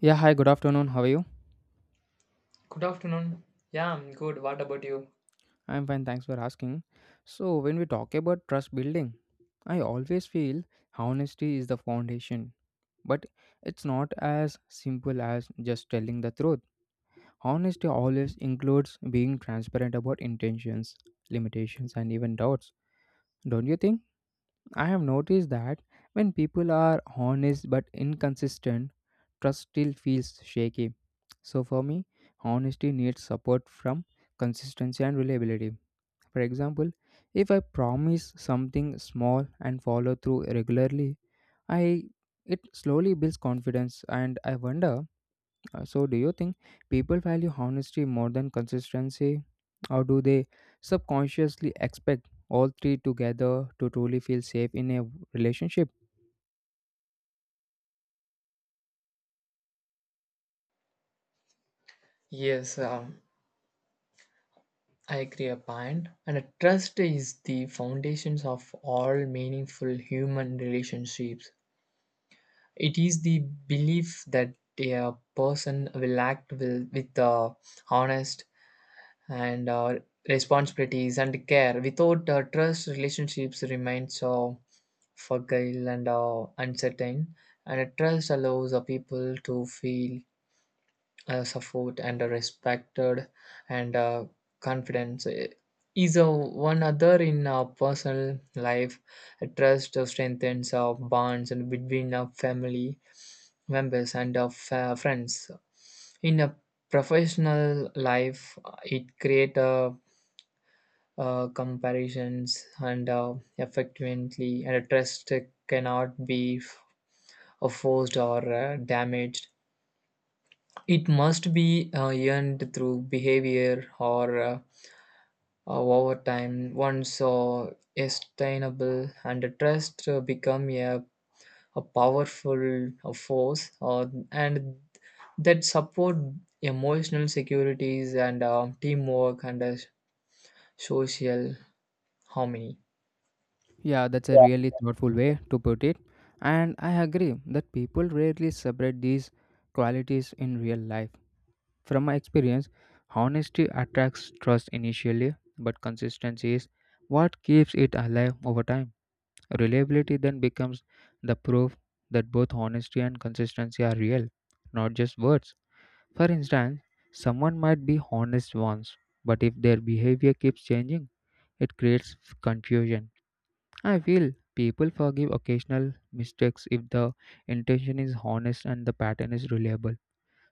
Yeah, hi, good afternoon. How are you? Good afternoon. Yeah, I'm good. What about you? I'm fine, thanks for asking. So, when we talk about trust building, I always feel honesty is the foundation, but it's not as simple as just telling the truth. Honesty always includes being transparent about intentions, limitations, and even doubts. Don't you think? I have noticed that when people are honest but inconsistent, trust still feels shaky. So, for me, honesty needs support from consistency and reliability. For example, if I promise something small and follow through regularly, I it slowly builds confidence and I wonder, so do you think people value honesty more than consistency, or do they subconsciously expect all three together to truly feel safe in a relationship? Yes, I agree a point. And a trust is the foundations of all meaningful human relationships. It is the belief that a person will act with honest and responsibilities and care. Without trust, relationships remain so fragile and uncertain. And a trust allows a people to feel support and respected and confidence is one other in personal life. Trust strengthens bonds and between family members and friends in a professional life, it create comparisons and effectively. And a trust cannot be forced or damaged. It must be earned through behavior or over time. Once sustainable and the trust become a powerful force, and that support emotional securities and teamwork and social harmony. Yeah, that's a really thoughtful way to put it. And I agree that people rarely separate these qualities in real life. From my experience, honesty attracts trust initially, but consistency is what keeps it alive over time. Reliability then becomes the proof that both honesty and consistency are real, not just words. For instance, someone might be honest once, but if their behavior keeps changing, it creates confusion. I feel people forgive occasional mistakes if the intention is honest and the pattern is reliable.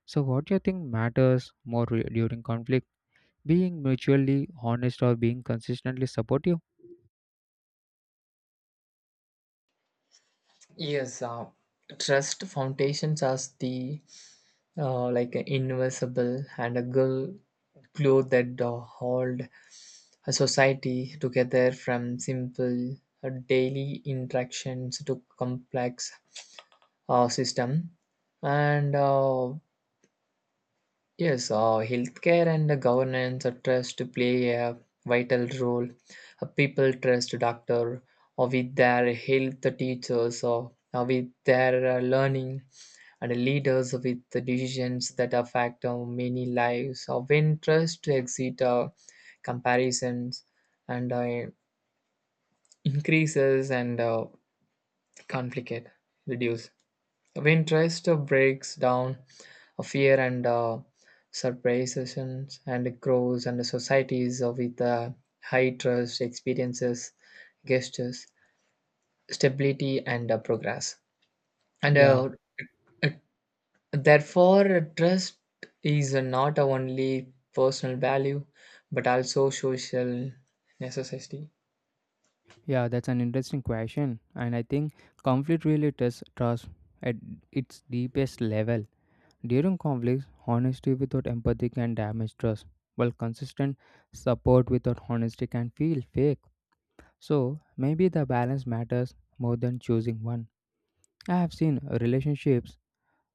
So, what do you think matters more during conflict? Being mutually honest or being consistently supportive? Yes, trust foundations as the like an invisible and a girl glue that hold a society together from simple daily interactions to complex system, and yes, healthcare and the governance, trust to play a vital role. People trust doctor or with their health teachers or with their learning and leaders with the decisions that affect many lives. When trust exit comparisons and increases and conflict reduce. When trust breaks down, fear and surprises and grows, and societies with high trust experiences, gestures, stability and progress. And Yeah, Therefore, trust is not only personal value but also social necessity. yeah, that's an interesting question. And I think conflict really tests trust at its deepest level. During conflicts, honesty without empathy can damage trust, while consistent support without honesty can feel fake. So maybe the balance matters more than choosing one. I have seen relationships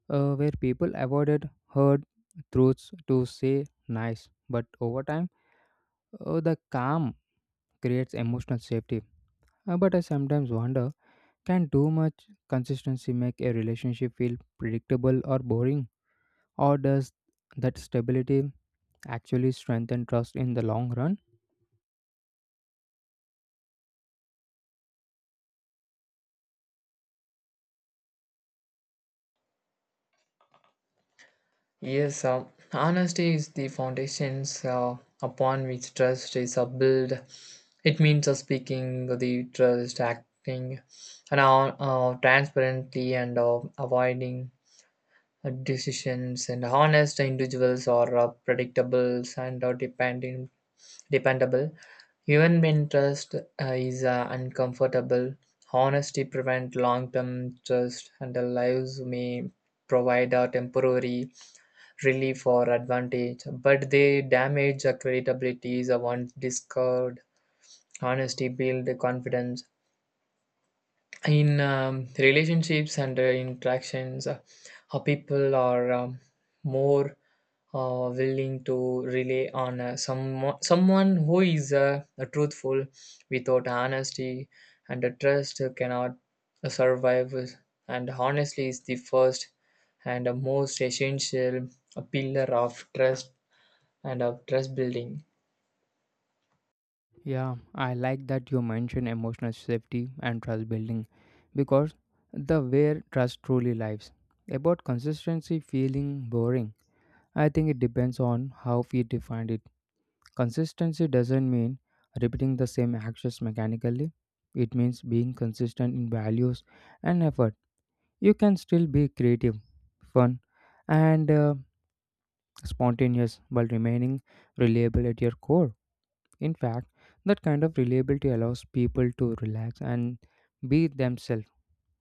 where people avoided hard truths to say nice, but over time, the calm creates emotional safety. But I sometimes wonder, can too much consistency make a relationship feel predictable or boring? Or does that stability actually strengthen trust in the long run? Yes, honesty is the foundations upon which trust is built. It means speaking the trust, acting and transparently, and avoiding decisions. And honest individuals are predictable and dependable. Even when trust is uncomfortable, honesty prevents long-term trust, and the lives may provide a temporary relief or advantage, but they damage the credibility once discovered. Honesty build confidence in relationships and interactions. How people are more willing to rely on someone who is truthful. Without honesty and trust, cannot survive. And honesty is the first and most essential pillar of trust and of trust building. Yeah, I like that you mentioned emotional safety and trust building because the where trust truly lives. About consistency feeling boring, I think it depends on how we defined it. Consistency doesn't mean repeating the same actions mechanically. It means being consistent in values and effort. You can still be creative, fun, and spontaneous while remaining reliable at your core. In fact, that kind of reliability allows people to relax and be themselves.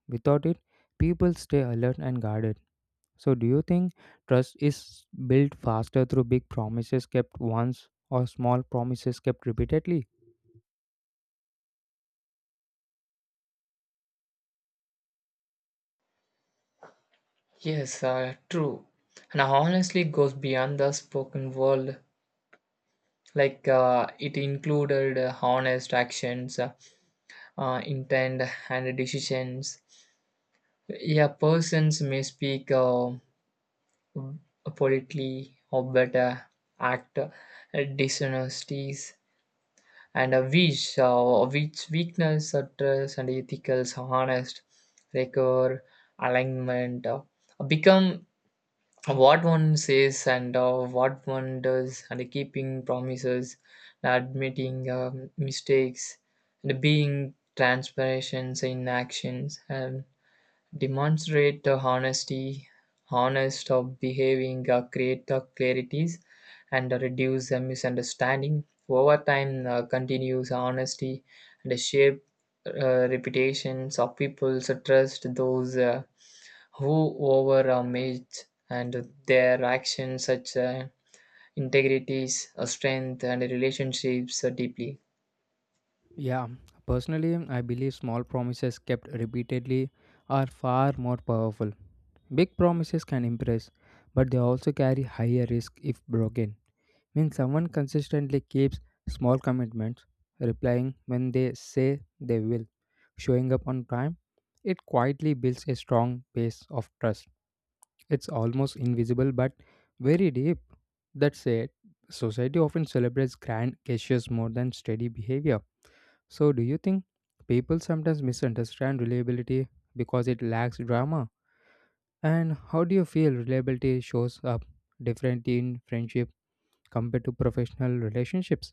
Without it, people stay alert and guarded. So, do you think trust is built faster through big promises kept once, or small promises kept repeatedly? Yes, true. And honestly goes beyond the spoken word. Like it included honest actions, intent, and decisions. Yeah, persons may speak politely or better, act dishonesties, and a wish, which weakness, trust, and ethical honest, record, alignment, become what one says and what one does, and keeping promises, admitting mistakes, and being transparent in actions and demonstrate the honest of behaving create the clarities and reduce the misunderstanding over time. Continues honesty and shape reputations of people's trust those who over a mage and their actions, such integrities strength and relationships deeply. Yeah, personally, I believe small promises kept repeatedly are far more powerful. Big promises can impress, but they also carry higher risk if broken. When someone consistently keeps small commitments, replying when they say they will, showing up on time, it quietly builds a strong base of trust. It's almost invisible but very deep. That said, society often celebrates grand gestures more than steady behavior, so, do you think people sometimes misunderstand reliability because it lacks drama? And how do you feel reliability shows up differently in friendship compared to professional relationships?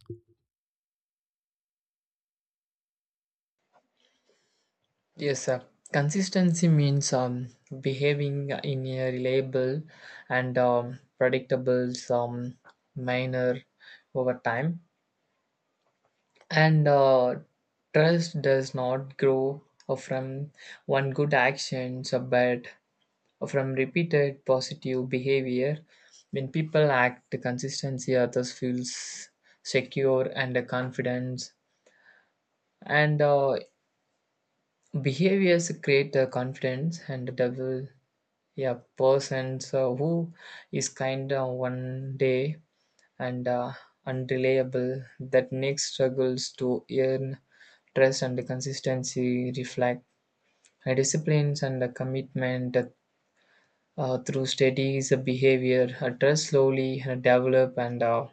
Yes, consistency means behaving in a reliable and predictable manner over time, and trust does not grow from one good action so, but from repeated positive behavior. When people act consistency, others feels secure and confidence, and behaviors create confidence and double. Yeah, persons so who is kind one day and unreliable that next struggles to earn trust, and consistency reflect disciplines and commitment through studies, behavior, trust slowly develop and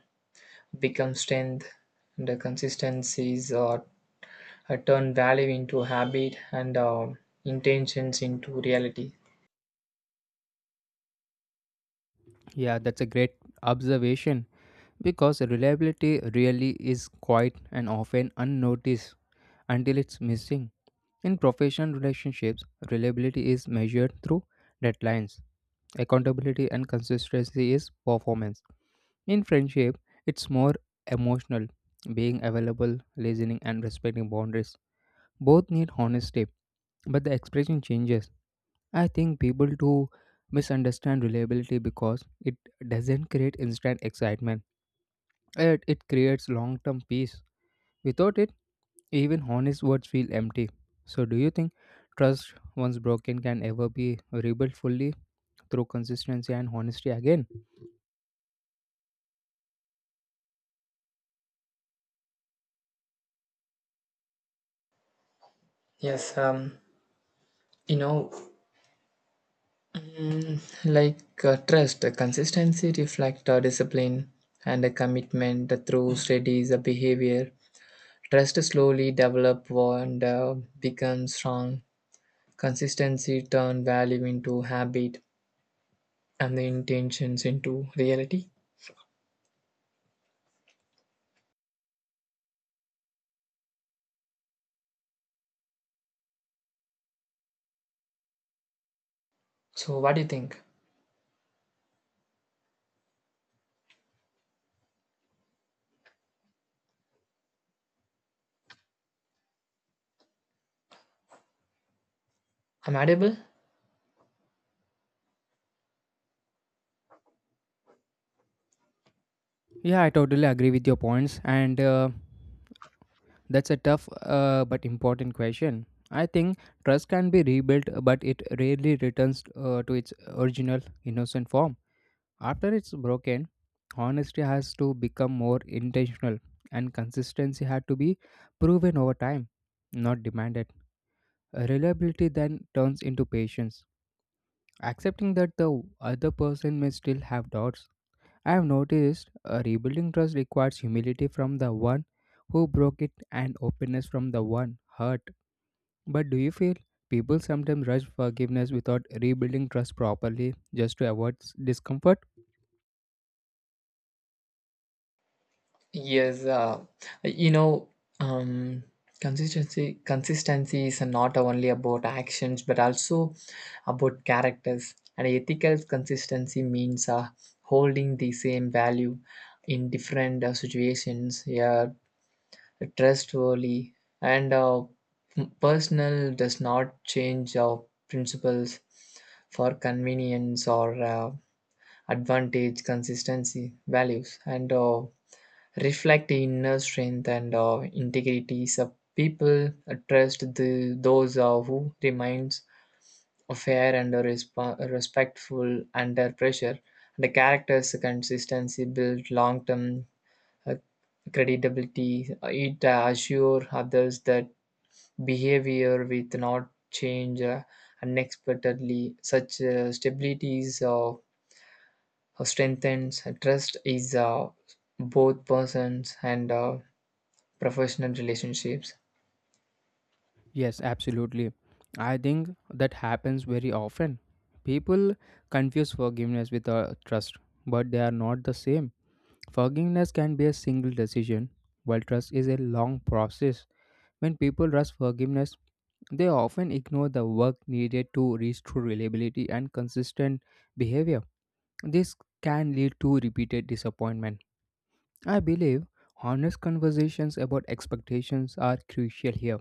become strength. And the consistencies turn value into habit and intentions into reality. Yeah, that's a great observation because reliability really is quite and often unnoticed until it's missing. In professional relationships, reliability is measured through deadlines, accountability, and consistency is performance. In friendship, it's more emotional, being available, listening, and respecting boundaries. Both need honesty, but the expression changes. I think people do misunderstand reliability because it doesn't create instant excitement, it creates long term peace. Without it, even honest words feel empty. So, do you think trust, once broken, can ever be rebuilt fully through consistency and honesty again? Yes, you know, like trust, consistency reflect discipline and a commitment through studies, behavior. Trust slowly develop and become strong. Consistency turn value into habit and the intentions into reality. So, what do you think? I'm audible? Yeah, I totally agree with your points, and that's a tough but important question. I think trust can be rebuilt, but it rarely returns to its original innocent form. After it's broken, honesty has to become more intentional, and consistency had to be proven over time, not demanded. Reliability then turns into patience, accepting that the other person may still have doubts. I have noticed rebuilding trust requires humility from the one who broke it and openness from the one hurt. But do you feel people sometimes rush forgiveness without rebuilding trust properly just to avoid discomfort? Yes. You know, um, consistency is not only about actions but also about characters. And ethical consistency means holding the same value in different situations. Yeah, trustworthy and personal does not change our principles for convenience or advantage, consistency, values, and reflect the inner strength and integrity. So people trust the those who remains fair and respectful under pressure. The character's consistency builds long-term uh, credibility. It assure others that behavior will not change unexpectedly. Such stabilities. Strengthens trust is both persons and professional relationships. Yes, absolutely. I think that happens very often. People confuse forgiveness with trust, but they are not the same. Forgiveness can be a single decision, while trust is a long process. When people rush forgiveness, they often ignore the work needed to reach true reliability and consistent behavior. This can lead to repeated disappointment. I believe honest conversations about expectations are crucial here.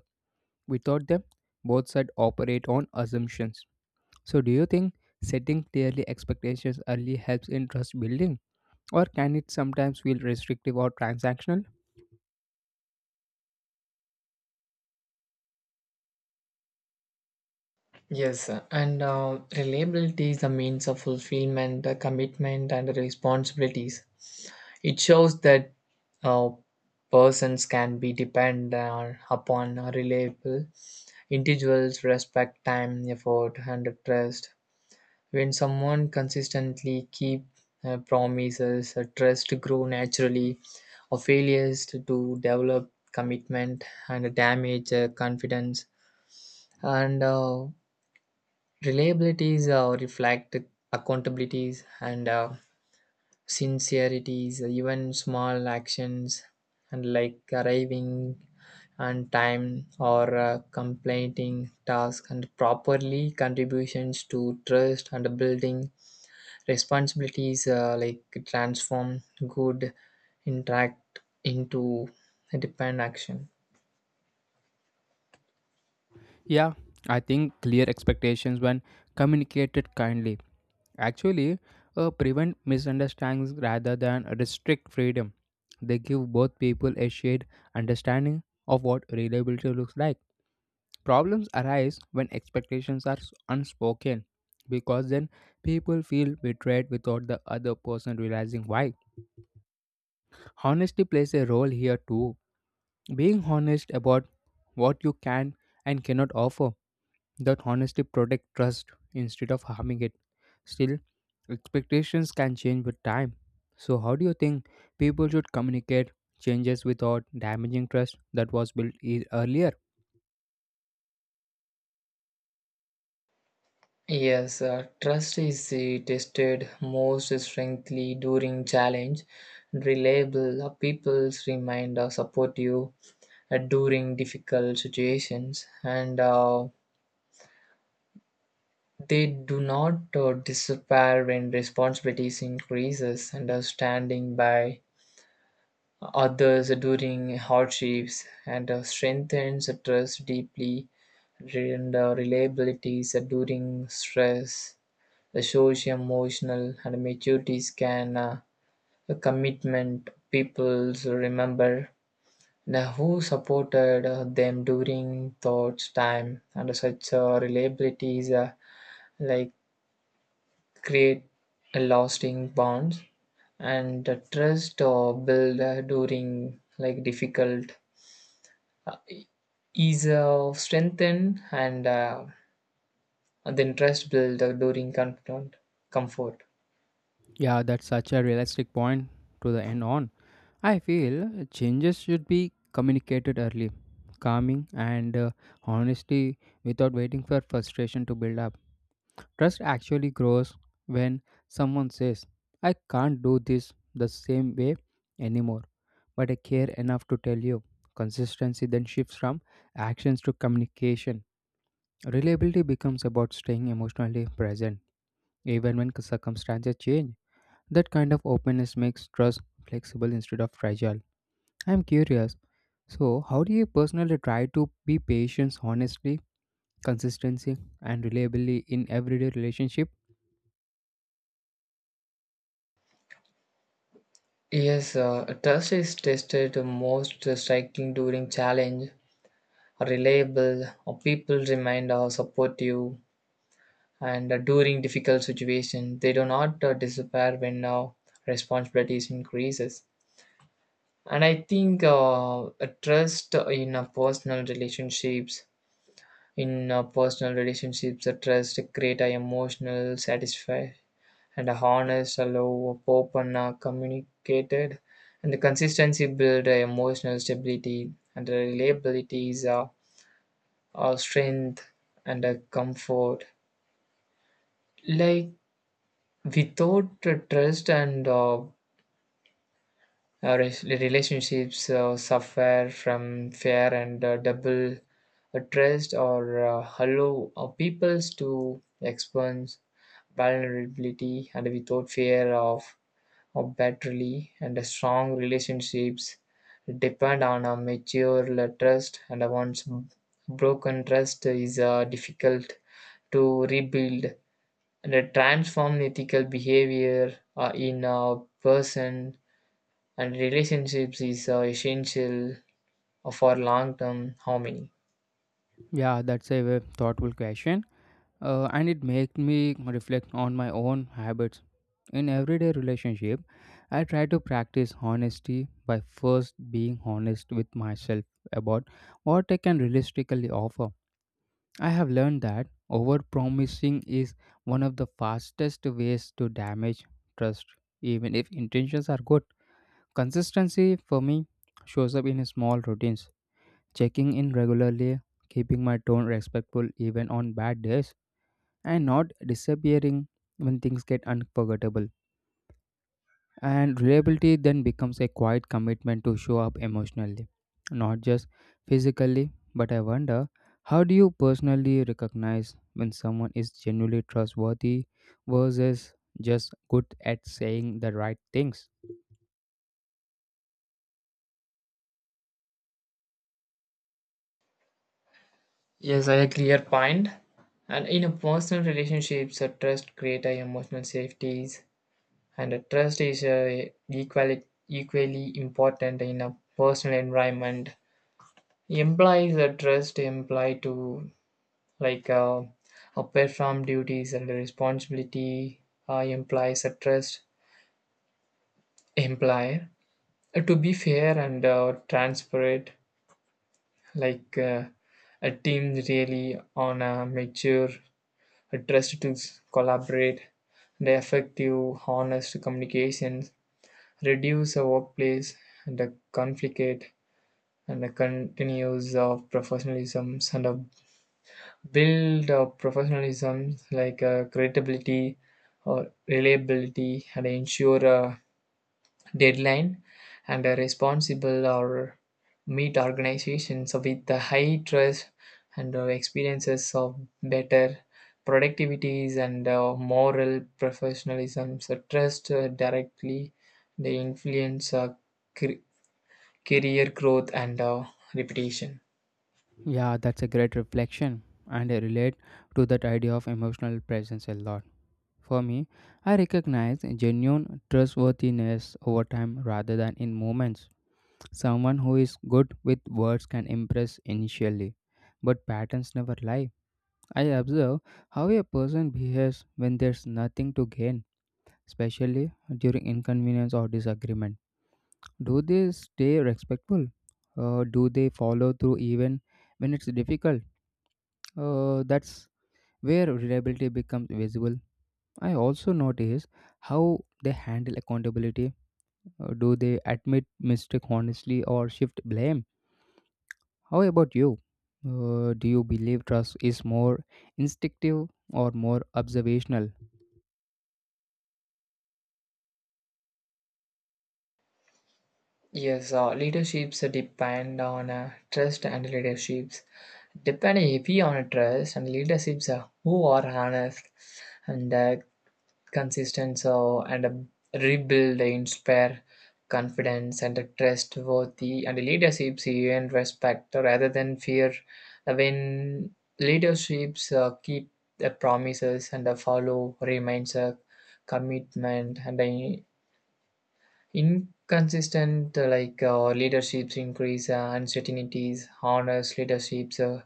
Without them, both sides operate on assumptions. So, do you think setting clearly expectations early helps in trust building, or can it sometimes feel restrictive or transactional? Yes, and reliability is a means of fulfillment, commitment, and responsibilities. It shows that uh, persons can be upon reliable individuals, respect time, effort, and trust. When someone consistently keep promises, trust grow naturally, or failures to develop commitment and damage confidence. And Reliabilities reflect accountabilities and sincerities, even small actions and like arriving on time or completing task and properly contributions to trust and building responsibilities like transform good interact into depend action. Yeah, I think clear expectations when communicated kindly actually prevent misunderstandings rather than restrict freedom. They give both people a shared understanding of what reliability looks like. Problems arise when expectations are unspoken because then people feel betrayed without the other person realizing why. Honesty plays a role here too. Being honest about what you can and cannot offer, that honesty protects trust instead of harming it. Still, expectations can change with time. So, how do you think people should communicate changes without damaging trust that was built earlier? Yes, trust is the tested most strongly during challenge. Reliable people remind supportive during difficult situations, and they do not disappear when responsibilities increases understanding by others during hardships, and strengthens trust deeply and reliabilities during stress. The social, emotional, and maturities can a commitment peoples remember now who supported them during thoughts time, and such reliabilities like create a lasting bonds. And the trust build during like difficult is strengthened and then trust built during comfort. Yeah, that's such a realistic point to the end on. I feel changes should be communicated early, calming, and honesty without waiting for frustration to build up. Trust actually grows when someone says, I can't do this the same way anymore, but I care enough to tell you. Consistency then shifts from actions to communication. Reliability becomes about staying emotionally present, even when circumstances change. That kind of openness makes trust flexible instead of fragile. I'm curious. So, how do you personally try to be patient, honestly, consistency, and reliably in everyday relationship? Yes, trust is tested most striking during challenge, reliable, or people remain supportive, and during difficult situations, they do not disappear when responsibilities increases. And I think a trust in personal relationships, a trust create a emotional satisfaction and a honest, low, open, communicated, and the consistency build emotional stability, and the reliability is strength and comfort. Like without trust and relationships suffer from fear and double trust, or allow peoples to experience vulnerability and without fear of battery. And a strong relationships depend on a mature trust, and once broken trust is difficult to rebuild and transform ethical behavior in a person, and relationships is essential for long-term harmony. Yeah, that's a very thoughtful question. And it makes me reflect on my own habits. In everyday relationship, I try to practice honesty by first being honest with myself about what I can realistically offer. I have learned that overpromising is one of the fastest ways to damage trust, even if intentions are good. Consistency for me shows up in small routines, checking in regularly, keeping my tone respectful even on bad days, and not disappearing when things get unforgettable. And reliability then becomes a quiet commitment to show up emotionally, not just physically. But I wonder, how do you personally recognize when someone is genuinely trustworthy versus just good at saying the right things? Yes, I clear point. And in a personal relationships, a trust create a emotional safeties, and trust is equally important in a personal environment, implies a trust imply to like a perform duties and responsibility, implies a trust imply to be fair and transparent, like a team really on a mature a trust to collaborate the effective honest communication reduce a workplace and a conflict, and the continues of professionalism and a build of professionalism like a credibility or reliability and ensure a deadline and a responsible or meet organizations with the high trust and experiences of better productivities and moral professionalism. So trust directly the influence cre- career growth and repetition. Yeah, that's a great reflection, and I relate to that idea of emotional presence a lot. For me, I recognize genuine trustworthiness over time rather than in moments. Someone who is good with words can impress initially, but patterns never lie. I observe how a person behaves when there's nothing to gain, especially during inconvenience or disagreement. Do they stay respectful? Do they follow through even when it's difficult? That's where reliability becomes visible. I also notice how they handle accountability. Do they admit mistake honestly or shift blame? How about you? Do you believe trust is more instinctive or more observational? Yes, leaderships depend on trust and leaderships. Depend heavy on trust, and leaderships who are honest and consistent so, and rebuild, inspire confidence and trustworthy and leaderships and respect rather than fear. When leaderships keep the promises and follow remains a commitment, and inconsistent like leaderships increase uncertainties. Honest leaderships uh,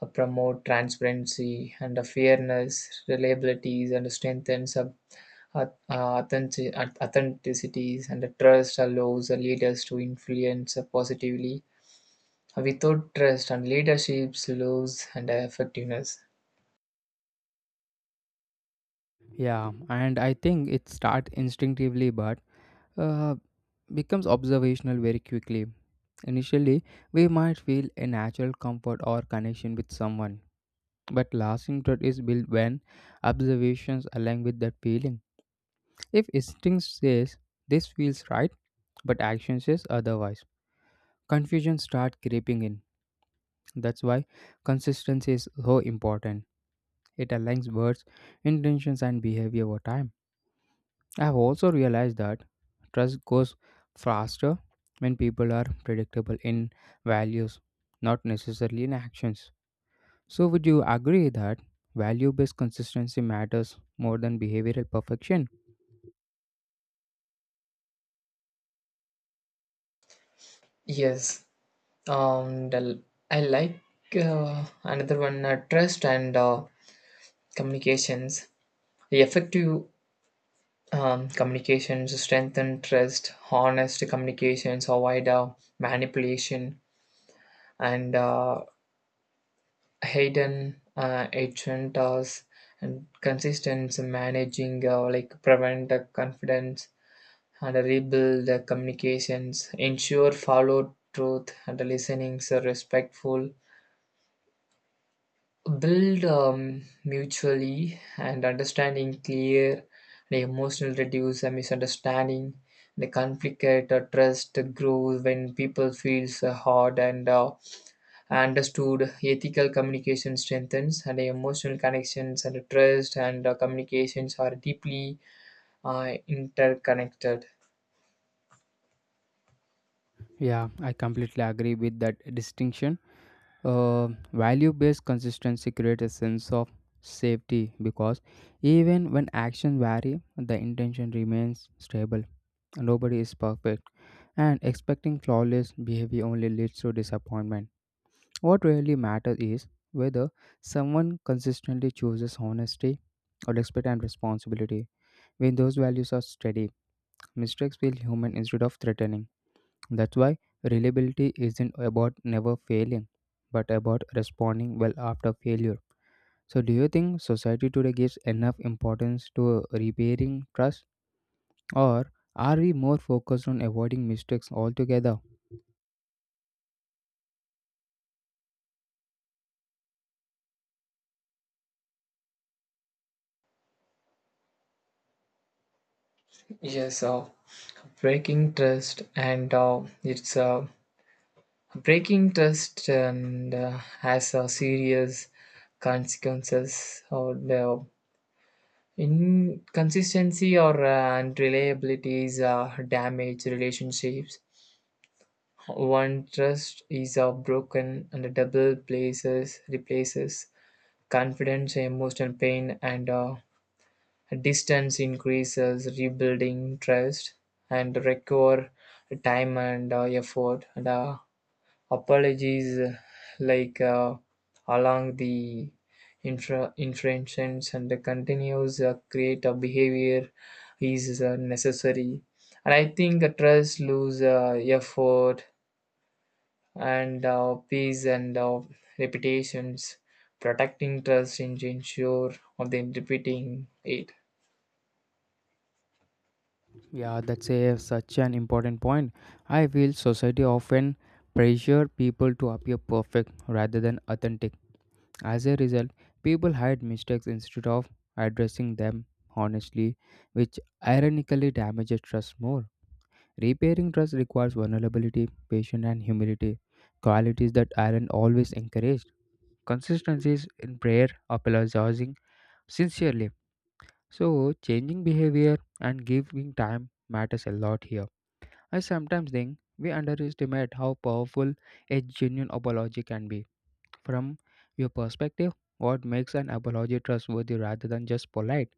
uh, promote transparency and fairness, reliabilities and strengthens uh, authentic- authenticities, and trust allows leaders to influence positively. Without trust and leaderships lose and effectiveness. Yeah, and I think it starts instinctively but uh, becomes observational very quickly. Initially, we might feel a natural comfort or connection with someone, but lasting trust is built when observations align with that feeling. If instinct says this feels right, but action says otherwise, confusion starts creeping in. That's why consistency is so important. It aligns words, intentions, and behavior over time. I have also realized that trust goes faster when people are predictable in values, not necessarily in actions. So, would you agree that value based consistency matters more than behavioral perfection? Yes, um, the, I like another one trust and communications. Effective communications strengthen trust, honest communications avoid manipulation and hidden agendas, and consistent managing like prevent the confidence and rebuild the communications, ensure follow truth, and listening so respectful build mutually and understanding clear the emotional reduce a misunderstanding the conflict at trust grows when people feels heard and understood. Ethical communication strengthens and emotional connections, and trust and communications are deeply interconnected. Yeah, I completely agree with that distinction. Uh, value based consistency creates a sense of safety because even when actions vary, the intention remains stable. Nobody is perfect, and expecting flawless behavior only leads to disappointment. What really matters is whether someone consistently chooses honesty, respect, and responsibility. When those values are steady, mistakes feel human instead of threatening. That's why reliability isn't about never failing, but about responding well after failure. So, do you think society today gives enough importance to repairing trust, or are we more focused on avoiding mistakes altogether? Yes, breaking trust and has serious consequences. Or the inconsistency or unreliabilities damage relationships. One trust is broken, and the double places replaces confidence, emotional pain, and distance increases. Rebuilding trust and require time and effort. And Apologies like along the infractions, and the continuous create a behavior is necessary. And I think trust lose effort and peace and reputations protecting trust in ensure of them repeating it. Yeah, that's a, such an important point. I feel society often pressure people to appear perfect rather than authentic. As a result, people hide mistakes instead of addressing them honestly, which ironically damages trust more. Repairing trust requires vulnerability, patience, and humility, qualities that aren't always encouraged. Consistency is in prayer, apologizing sincerely. So, changing behavior and giving time matters a lot here. I sometimes think we underestimate how powerful a genuine apology can be. From your perspective, what makes an apology trustworthy rather than just polite?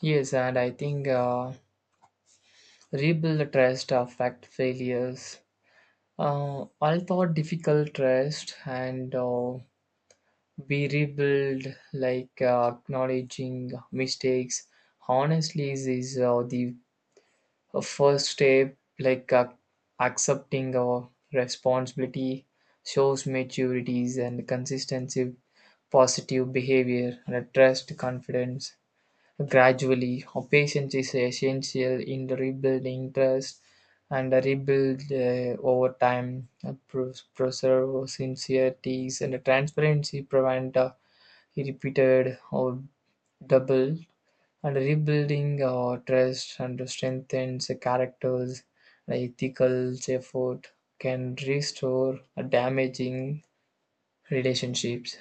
Yes, and I think rebuild the trust affect failures, all thought difficult trust and be rebuild, like acknowledging mistakes. Honestly, this is the first step, like accepting our responsibility shows maturities and consistency, positive behavior, and trust, confidence. Gradually, our patience is essential in the rebuilding trust and rebuild over time. Preserve our sincerities and transparency, prevent. He repeated or double, and rebuilding our trust and strengthens a characters. An ethical effort can restore a damaging relationships.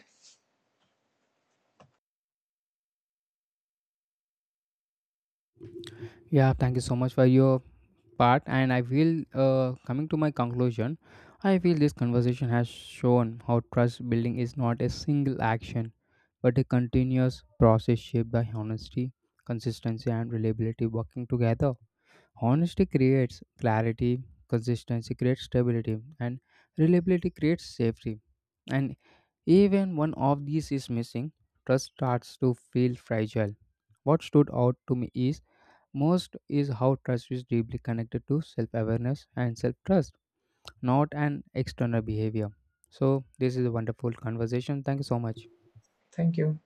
Yeah, thank you so much for your part and I feel, coming to my conclusion, I feel this conversation has shown how trust building is not a single action but a continuous process shaped by honesty, consistency and reliability working together. Honesty creates clarity, consistency creates stability, and reliability creates safety, and even one of these is missing, trust starts to feel fragile. What stood out to me is most is how trust is deeply connected to self awareness and self trust, not an external behavior. So, this is a wonderful conversation. Thank you so much. Thank you.